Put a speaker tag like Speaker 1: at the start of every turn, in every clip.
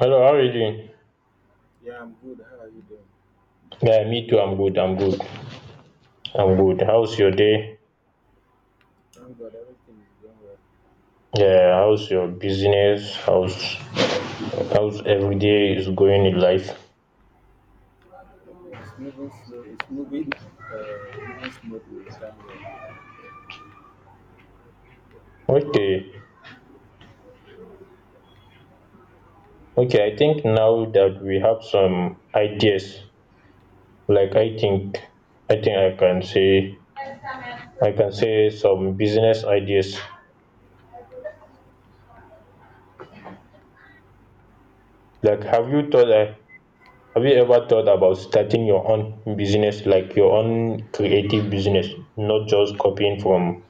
Speaker 1: Hello, how are you doing?
Speaker 2: Yeah, I'm good. How are you doing?
Speaker 1: Yeah, me too. I'm good. I'm good. I'm
Speaker 2: Okay.
Speaker 1: good. How's your day?
Speaker 2: Thank God, everything is going
Speaker 1: Yeah, how's your business? How's every day is going in life?
Speaker 2: well. It's moving slow. It's moving smoothly. Thank God.
Speaker 1: Okay, okay. I think now that we have some ideas, like I think I can say some business ideas. Like, have you ever thought about starting your own business, like your own creative business, not just copying from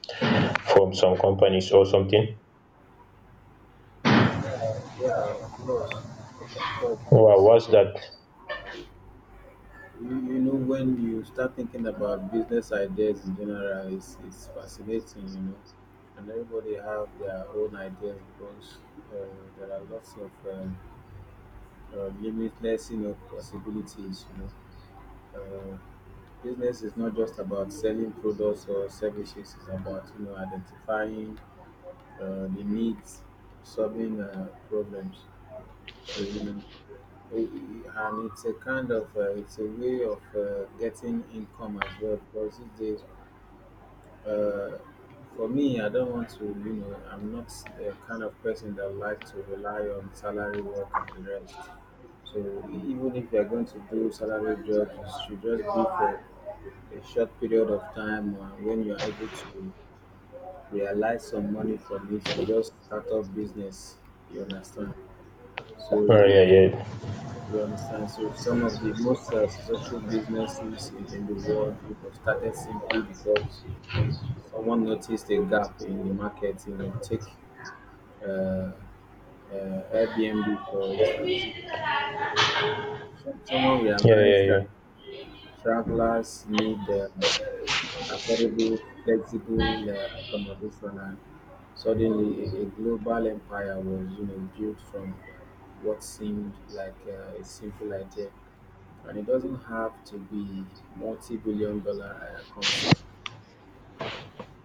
Speaker 1: from some companies or something?
Speaker 2: Yeah, yeah, of course, of course.
Speaker 1: Wow, what's that?
Speaker 2: But you know, when you start thinking about business ideas in general, it's fascinating, you know. And everybody have their own ideas because uh, there are lots of limitless, you know, possibilities, you know. uh, Business is not just about selling products or services. It's about, you know, identifying the needs, solving problems. So, you know, it, it- and it's a kind of it's a way of getting income as well, because these days, uh, for me, I don't want to, you know, I'm not the kind of person that like to rely on salary work and the rest. So even if you're going to do salary jobs, you should just be for a short period of time, when you are able to realize some money from it, you just start up business. You understand? so
Speaker 1: Oh
Speaker 2: you
Speaker 1: yeah, yeah,
Speaker 2: understand So some of the most successful businesses in the world, it was started simply because someone noticed a gap in the market. You know, take uh, Airbnb for instance. Someone
Speaker 1: yeah, yeah,
Speaker 2: realized that
Speaker 1: yeah,
Speaker 2: travelers need affordable, flexible accommodation, and suddenly a global empire was, you know, built from what seemed like a simple idea. And it doesn't have to be multi-billion dollar concept.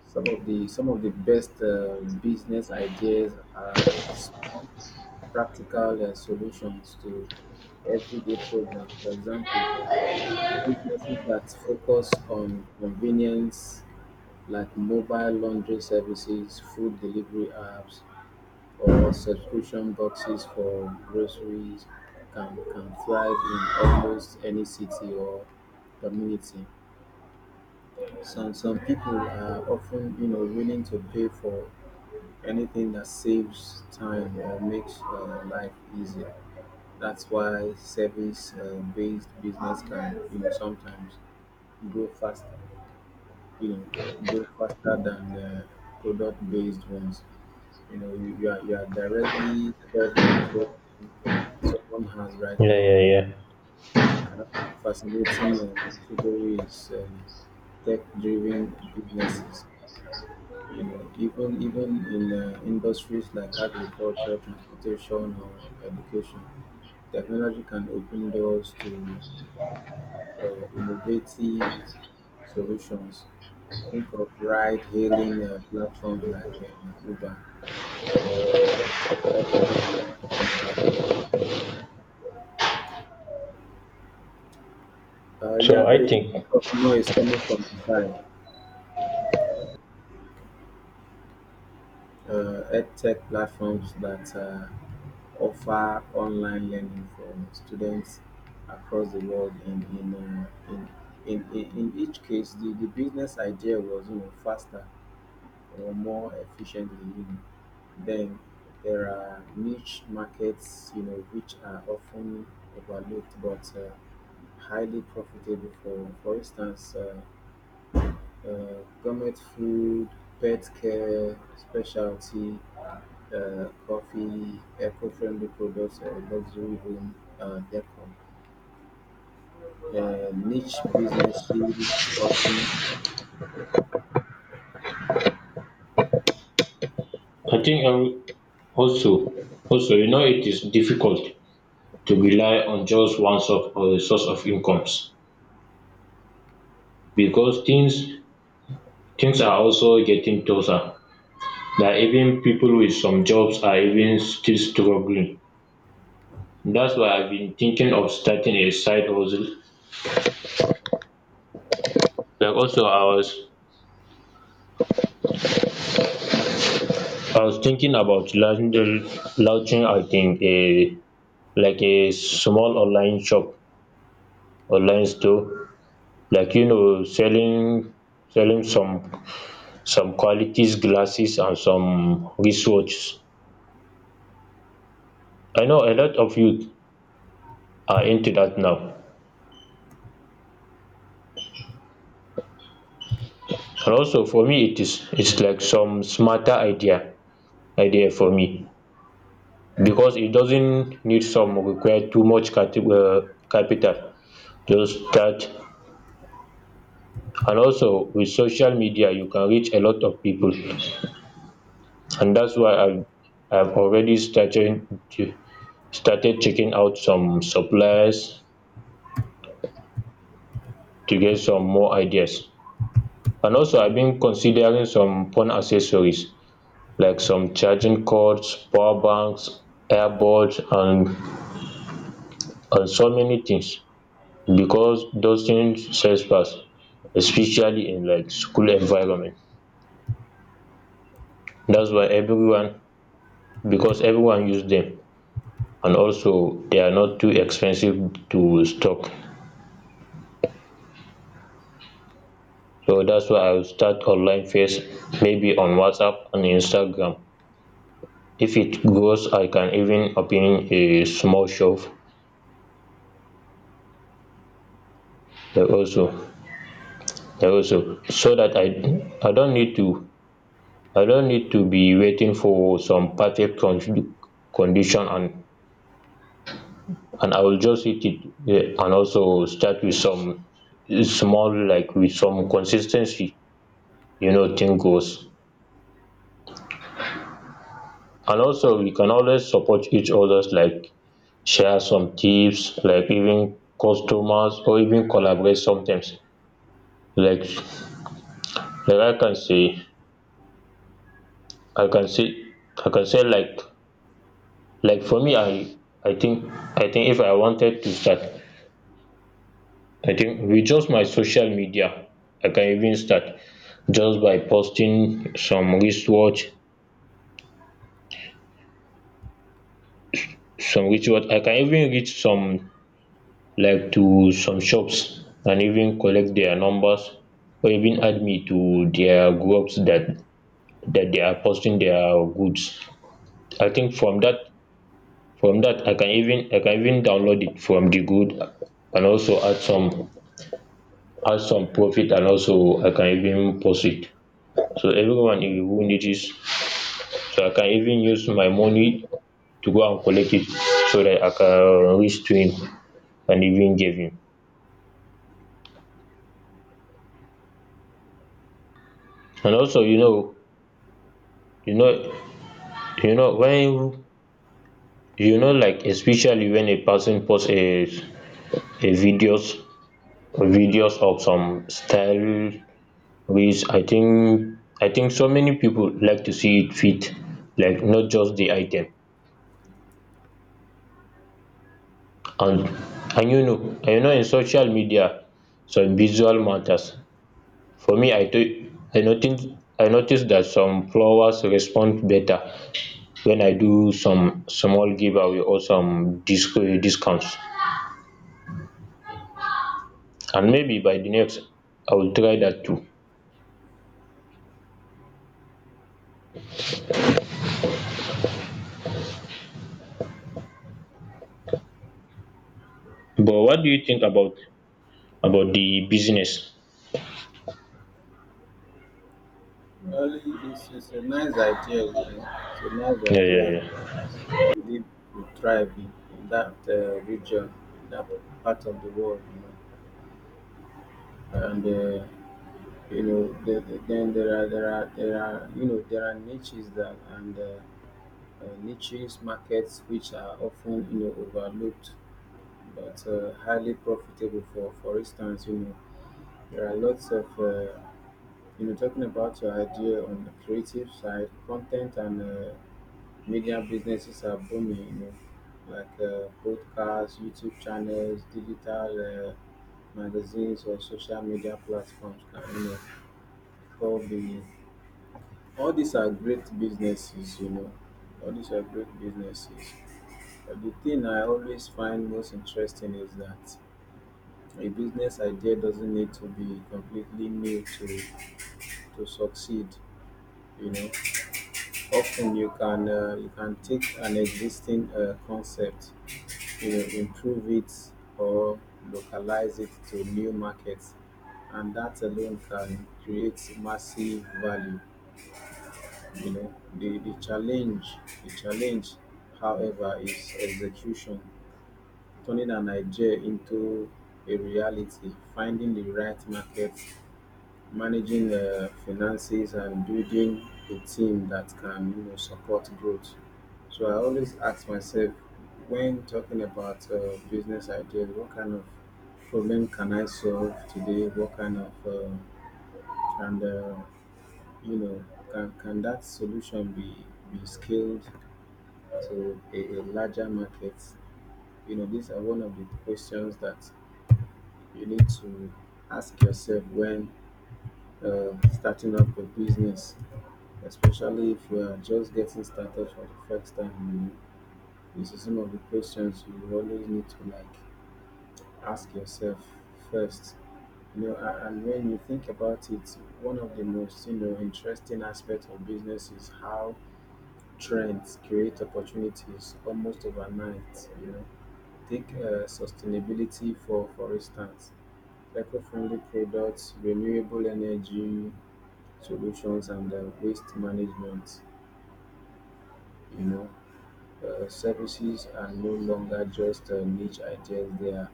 Speaker 2: Some of the best business ideas are small, practical solutions to everyday problems. For example, businesses that focus on convenience, like mobile laundry services, food delivery apps, or subscription boxes for groceries, can thrive in almost any city or community. Some people are often, you know, willing to pay for anything that saves time or makes life easier. That's why service-based business can, you know, sometimes grow faster. You know, go faster than product based ones. You know, you are directly solving a problem someone has right
Speaker 1: yeah,
Speaker 2: now.
Speaker 1: yeah, yeah.
Speaker 2: Another fascinating category is tech driven businesses. You know, even in industries like agriculture, transportation, or education, technology can open doors to innovative solutions. Think of ride-hailing platforms like Uber, or um, healthcare platforms that yeah,
Speaker 1: So
Speaker 2: there
Speaker 1: I
Speaker 2: is a
Speaker 1: think,
Speaker 2: bit of noise coming from the side. EdTech platforms that offer online learning for students across the world. In each case, the business idea was, you know, faster or more efficiently. You know. Then there are niche markets, you know, which are often overlooked but highly profitable. For instance, gourmet food, pet care, specialty coffee, eco-friendly products, luxury home decor. Niche businesses often—
Speaker 1: I think I will also, also, it is difficult to rely on just one source of incomes, because things are also getting tougher. That even people with some jobs are even still struggling. That's why I've been thinking of starting a side hustle. Like also, I was thinking about launching I think a like a small online store, like selling some qualities glasses and some wristwatch. I know a lot of youth are into that now, and also for me it's like some smarter idea for me, because it doesn't need some require too much cati capital. Just start, and also with social media you can reach a lot of people. And that's why I've already started checking out some suppliers to get some more ideas. And also I've been considering some phone accessories, like some charging cords, power banks, earbuds, and so many things, because those things sell fast, especially in like school environment. That's why everyone Because everyone use them, and also they are not too expensive to stock. So that's why I will start online first, maybe on WhatsApp and Instagram. If it grows, I can even open a small shop. Da also da also so that I don't need to be waiting for some perfect condition. And I will just hit it, yeah, and also start with some small, like with some consistency, thing goes. And also we can always support each others, like share some tips, like even customers or even collaborate sometimes. like like I can say I can say I can say like for me I think I think if I wanted to start, I think with just my social media I can even start just by posting some wristwatch. I can even reach some, like to some shops, and even collect their numbers, or even add me to their groups that they are posting their goods. I think from that I can even download it from the good, and also add some profit, and also I can even post it. So everyone who needs it, so I can even use my money to go and collect it, so that I can reach to him and even give him. And also you know when you know like especially when a person posts a videos videos of some style, which I think so many people like to see it fit, like not just the item. And and you know and you know in social media some visual matters. For me, i notice I notice that some flowers respond better when I do some small giveaway or some discounts, and maybe by the next I will try that too. But what do you think about the business?
Speaker 2: well, it's a nice idea, you know. It's a nice
Speaker 1: Yeah,
Speaker 2: idea.
Speaker 1: yeah, yeah.
Speaker 2: As we believe, we thrive in that region, in that part of the world, you know. And you know, the, then there are there are there are you know, there are niches that, and niches markets which are often, you know, overlooked, but highly profitable. For instance, you know, there are lots of you know, talking about your idea on the creative side, content and media businesses are booming, you know, like podcasts, YouTube channels, digital magazines, or social media platforms. Can, you know, all the all these are great businesses, you know. All these are great businesses. But the thing I always find most interesting is that a business idea doesn't need to be completely new to succeed. You know, often you can take an existing concept, you know, improve it or localize it to new markets, and that alone can create massive value. You know, the challenge, however, is execution. Turning an idea into a reality, finding the right market, managing finances, and building a team that can, you know, support growth. So I always ask myself, when talking about business ideas, what kind of problem can I solve today? What kind of and you know, can that solution be scaled to a larger market? You know, these are one of the questions that you need to ask yourself when starting up a business, especially if you are just getting started for the first time. You know, this is some of the questions you always need to like ask yourself first. You know, and when you think about it, one of the most, you know, interesting aspects of business is how trends create opportunities almost overnight. You know, take sustainability for instance. Eco-friendly products, renewable energy solutions, and waste management, you know, services are no longer just niche ideas, they are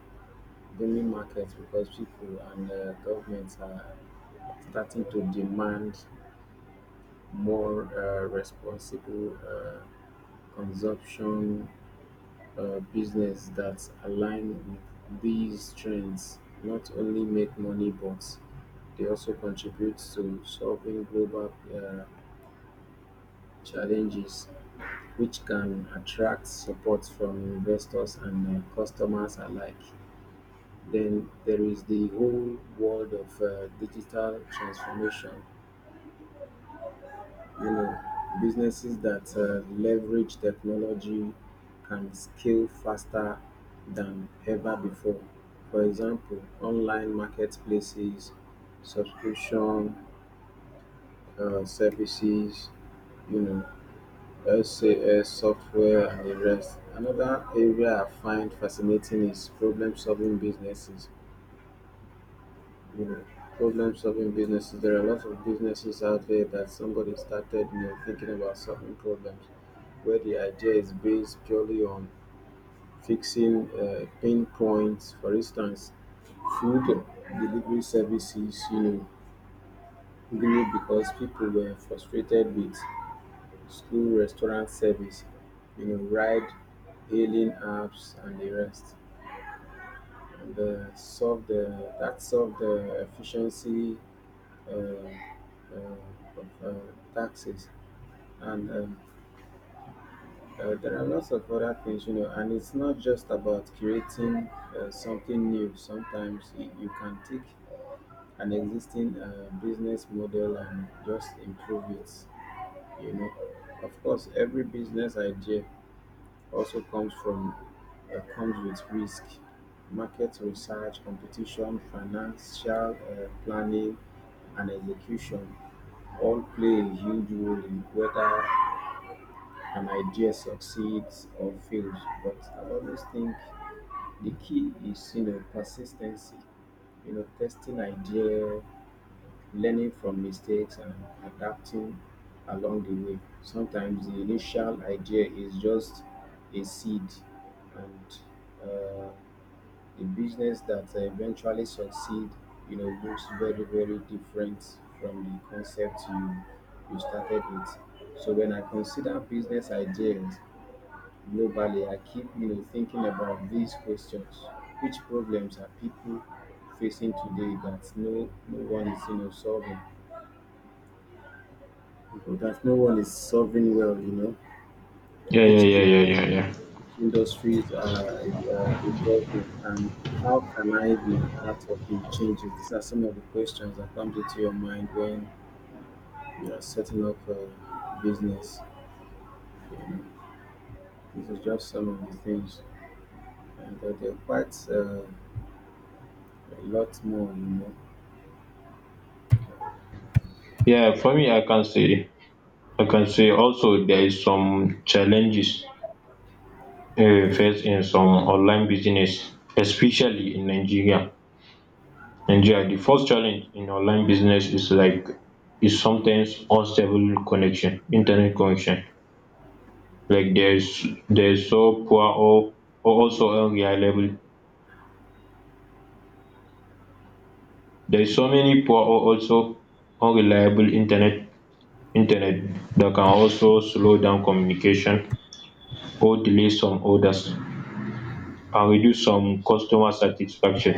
Speaker 2: booming markets because people and governments are starting to demand more responsible consumption. Business that align with these trends not only make money, but they also contribute to solving global challenges, which can attract support from investors and customers alike. Then there is the whole world of digital transformation. You know, businesses that leverage technology can scale faster than ever before. For example, online marketplaces, subscription services, you know, SaaS software, and the rest. Another area I find fascinating is problem solving businesses. You know, problem solving businesses, there are lots of businesses out there that somebody started, you know, thinking about solving problems, where the idea is based purely on fixing pain points. For instance, food delivery services, you know, grew because people were frustrated with slow restaurant service. You know, ride hailing apps and the rest and solve the that solved the efficiency uh, of taxes and there are lots of other things. You know, and it's not just about creating something new. Sometimes you can take an existing business model and just improve it, you know. Of course, every business idea also comes with risk. Market research, competition, financial planning, and execution all play a huge role in whether an idea succeeds or fails. But I always think the key is, you know, persistency. You know, testing idea, learning from mistakes, and adapting along the way. Sometimes the initial idea is just a seed, and uh, the business that eventually succeed, you know, looks very very different from the concept you you started with. So when I consider business ideas globally, I keep, you know, thinking about these questions: which problems are people facing today that no one is, you know, solving, or that no one is solving well? You know,
Speaker 1: Yeah, yeah,
Speaker 2: which
Speaker 1: yeah,
Speaker 2: in-
Speaker 1: yeah, yeah, yeah.
Speaker 2: industries are evolving, and how can I be part of the changes? These are some of the questions that come into your mind when you are setting up a business. This is just some of the things, and there are quite a lot more, you know.
Speaker 1: Yeah, for me, I can say also there is some challenges wey we in some online business, especially in Nigeria. The first challenge in online business is, like, is sometimes unstable connection, internet connection. Like, there is so poor, or also unreliable. There is so many poor or also unreliable internet that can also slow down communication or delay some orders and reduce some customer satisfaction.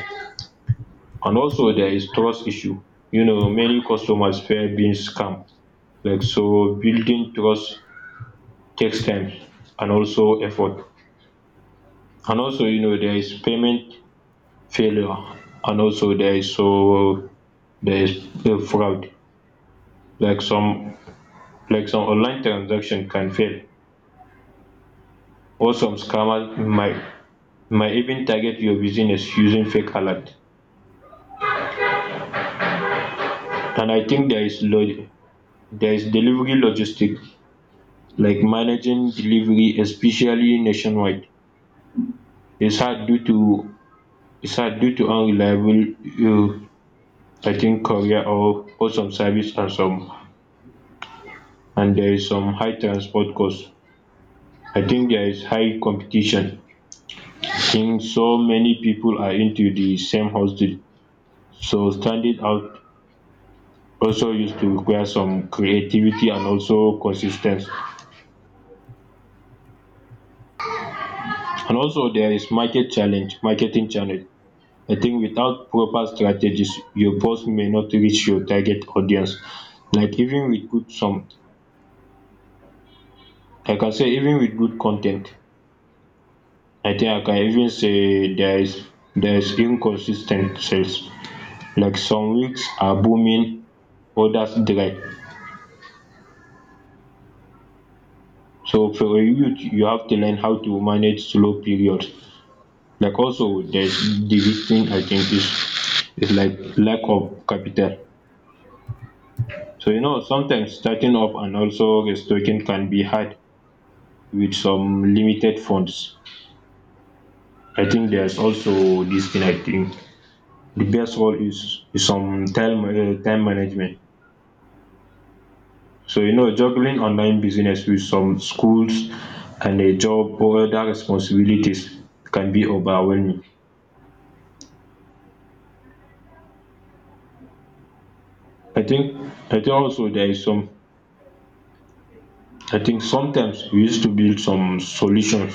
Speaker 1: And also there is trust issue. Many customers fear being scammed. Like, so building trust takes time, and also effort. And also, there is payment failure. And also there is fraud. Like some online transaction can fail, or some scammers might even target your business using fake alert. And I think there is delivery logistic. Like managing delivery, especially nationwide, is hard due to is hard due to unreliable, um I think, courier, or some service, and some. And there is some high transport cost. I think there is high competition. Since so many people are into the same hustle, so standing out also used to require some creativity and also consistency. And also there is marketing challenge. I think without proper strategies, your post may not reach your target audience. Like even with good some, like I say, even with good content, I think I can even say there is inconsistent sales. Like some weeks are booming, others dry. So for a youth, you have to learn how to manage slow periods. Like also, there's the big thing I think is, like, lack of capital. So, sometimes starting up and also restocking can be hard with some limited funds. I think there's also this thing. I think the best role is some time time management. So, juggling online business with some schools and a job or other responsibilities can be overwhelming. I think I think also there is some. I think sometimes we used to build some solutions.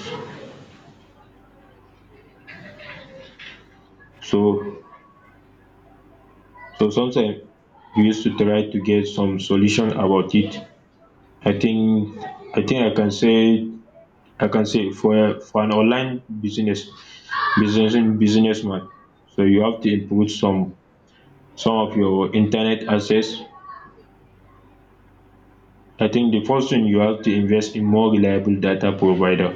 Speaker 1: So so sometimes we used to try to get some solution about it. I think I think I can say for an online businessman, so you have to improve some of your internet access. I think the first thing, you have to invest in more reliable data provider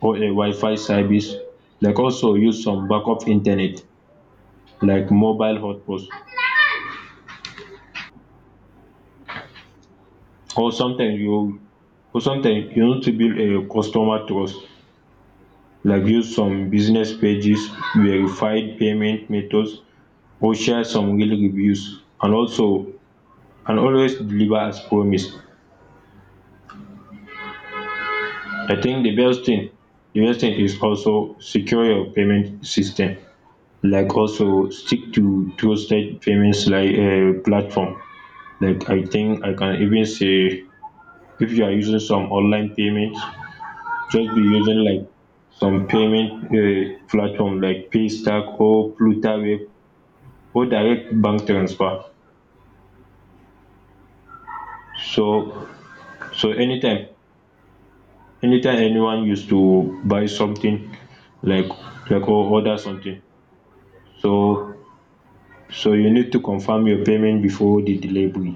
Speaker 1: or a Wi-Fi service. Like, also use some backup internet like mobile hotspots. Or sometimes you or sometimes you need to build a customer trust. Like, use some business pages, verified payment methods, or share some real reviews. And also and always deliver as promised. I think the best thing is also secure your payment system, like also stick to trusted payments, like platform. Like, I think I can even say, if you are using some online payments, just be using like some payment platform like Paystack or Flutterwave or direct bank transfer. So so anytime anyone used to buy something, like like or order something, so so you need to confirm your payment before the delivery.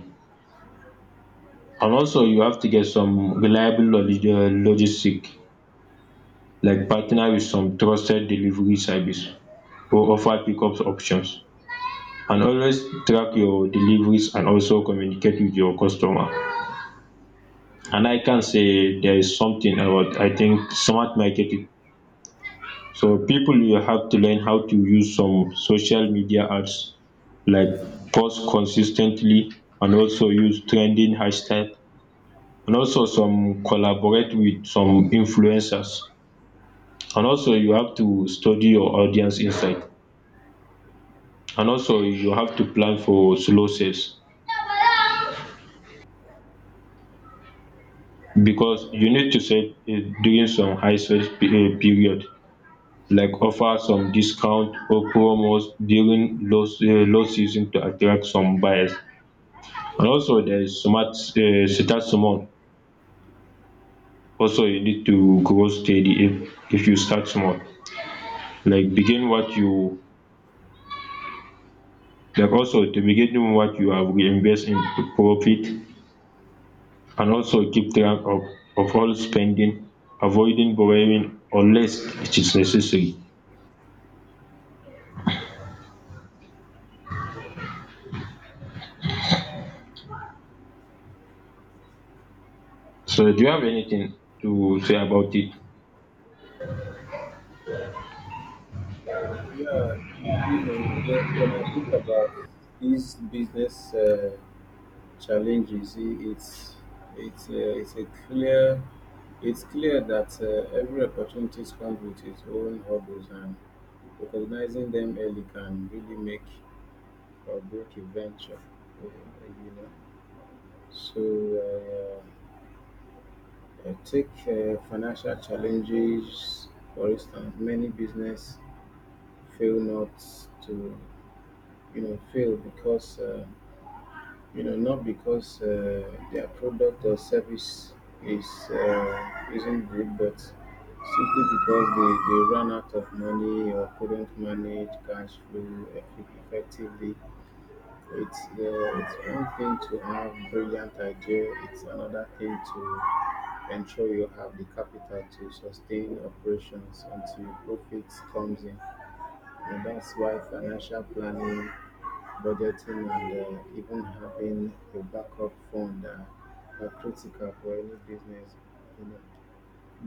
Speaker 1: And also you have to get some reliable logistic, like partner with some trusted delivery service or offer pickup options, and always track your deliveries and also communicate with your customer. And I can say there is something about, I think, smart marketing. So people will have to learn how to use some social media ads, like post consistently, and also use trending hashtag, and also some collaborate with some influencers. And also you have to study your audience insight, and also you have to plan for slow sales, because you need to sell during some high sales period, like offer some discount or promos during low season to attract some buyers. And also there is smart start small. Also, you need to grow steady. If you start small, like begin what you like also to begin what you have, reinvest in profit, and also keep track of all spending, avoiding borrowing unless it is necessary. So do you have anything to say about it?
Speaker 2: Yeah, you know, when, when I think about these business challenges, it's uh, it's a clear it's clear that every opportunity comes with its own hurdles, and recognizing them early can really make or break a venture. You know, so take financial challenges for instance. Many business fail not to you know fail because you know, not because their product or service is isn't good, but simply because they ran out of money or couldn't manage cash flow effectively. It's one thing to have brilliant idea. It's another thing to ensure you have the capital to sustain operations until profits comes in. And that's why financial planning, budgeting, and even having a backup fund are critical for any business, you know,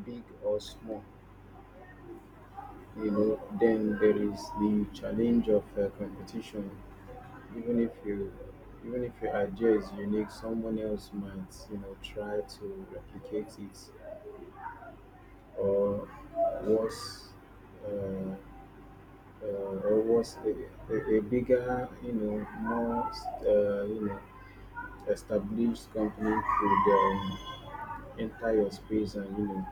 Speaker 2: big or small. You know, then there is the challenge of competition. Even if you, Even if your idea is unique, someone else might, you know, try to replicate it, or worse, uh, uh, or worse, a, a bigger, you know, more, you know, established company could enter your space and, you know,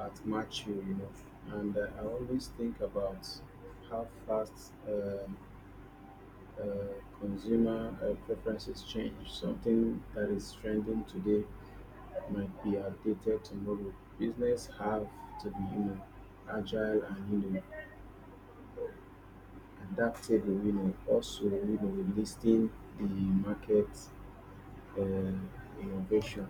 Speaker 2: outmatch you. You know, and I always think about how fast uh, consumer preferences change. Something that is trending today might be outdated tomorrow. Business have to be, you know, agile and, you know, adaptable. You know, also, you know, listing the market, innovation,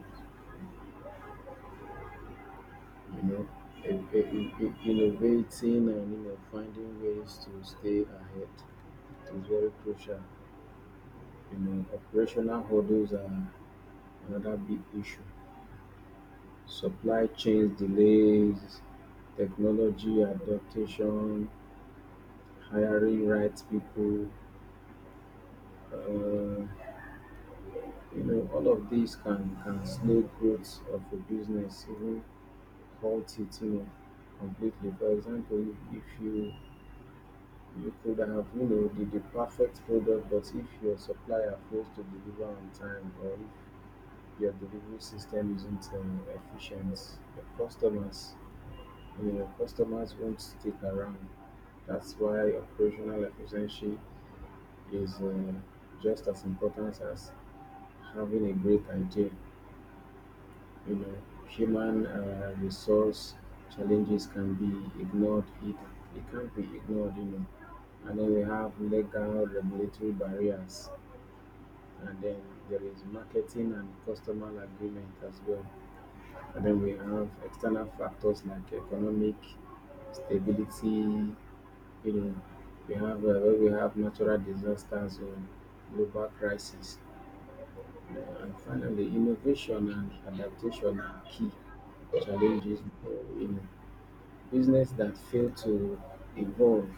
Speaker 2: you know, innovating and, you know, finding ways to stay ahead is very crucial. You know, operational hurdles are another big issue. Supply chains delays, technology adaptation, hiring right people. Uh, you know, all of these can slow growth of a business, even halt it, you know, completely. For example, if you could have, you know, the perfect product, but if your supplier fails to deliver on time, or if your delivery system isn't efficient, your customers, you know, customers won't stick around. That's why operational efficiency is just as important as having a great idea. You know, human resource challenges can be ignored. It can't be ignored, you know. And then we have legal regulatory barriers, and then there is marketing and customer agreement as well. And then we have external factors like economic stability. You know, we have natural disasters or global crisis. And finally, innovation and adaptation are key challenges. Uh, in Business that fail to evolve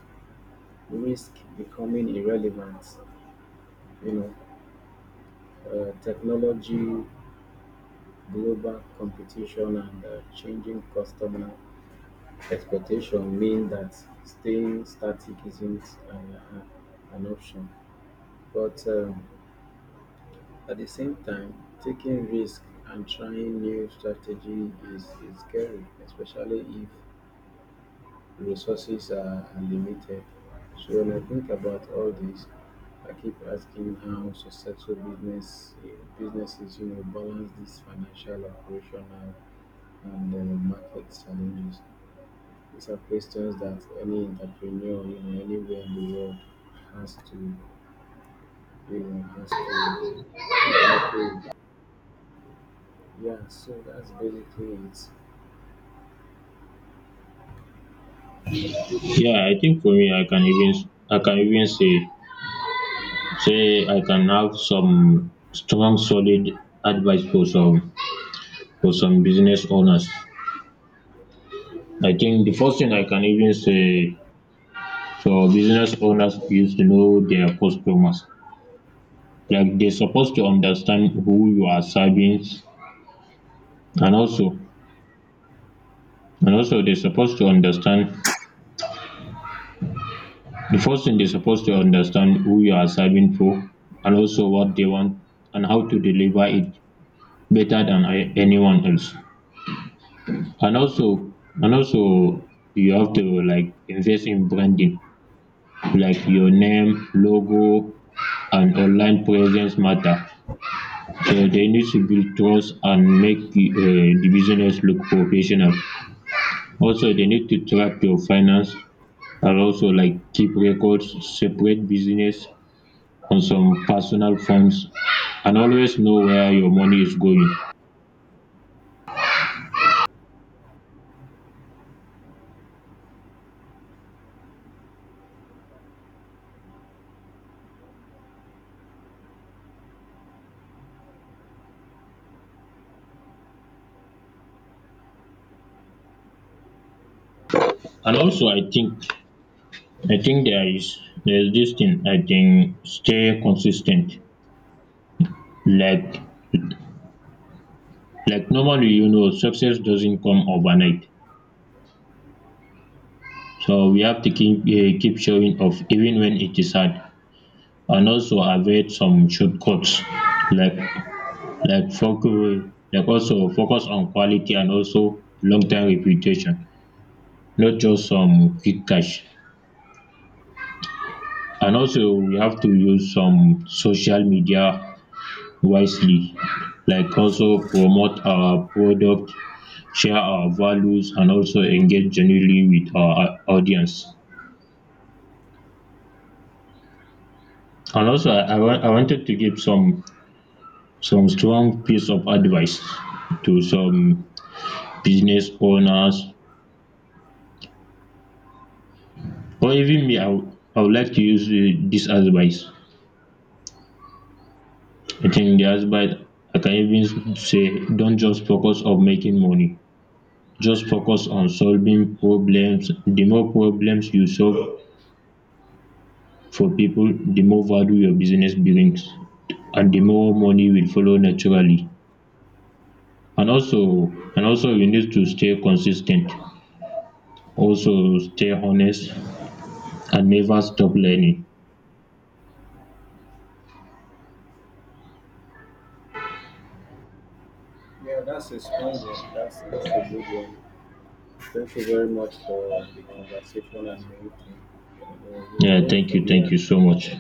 Speaker 2: risk becoming irrelevant. You know, technology, global competition, and changing customer expectations mean that staying static isn't an option. But at the same time, taking risk and trying new strategy is scary, especially if resources are limited. So when I think about all this, I keep asking how successful business businesses, you know, balance this financial, operational, and market challenges. These are questions that any entrepreneur, you know, anywhere in the world has to, you know, has to grapple with. Yeah, so that's basically it.
Speaker 1: Yeah, I think for me, I can even say I can have some strong, solid advice for some business owners. I think the first thing I can even say, so business owners used to know their customers. Like, they're supposed to understand who you are serving, and also and also they're supposed to understand the first thing, they're supposed to understand who you are serving for, and also what they want, and how to deliver it better than anyone else. And also and also, you have to, like, invest in branding, like your name, logo, and online presence matter. They need to build trust and make di business look professional. Also, they need to track your finance, and also, like, keep records, separate business and some personal funds, and always know where your money is going. And also I think there is this thing, I think. Stay consistent. like like, normally, success doesn't come overnight. So we have to keep showing off even when it is hard, and also avoid some shortcuts. Like like focus, like also focus on quality and also long term reputation, not just some quick cash. And also we have to use some social media wisely, like also promote our product, share our values, and also engage genuinely with our audience. And also I wanted to give some strong piece of advice to some business owners. Or even me, I would like to use this advice. I think the advice, I can even say, don't just focus on making money. Just focus on solving problems. The more problems you solve for people, the more value your business brings, and the more money will follow naturally. And also, and also, you need to stay consistent. Also, stay honest and never stop learning.
Speaker 2: Yeah, that's a strong one. That's a good one. Thank you very much for the conversation and everything. You know, we'll
Speaker 1: Yeah,
Speaker 2: go from
Speaker 1: thank
Speaker 2: here.
Speaker 1: you so much.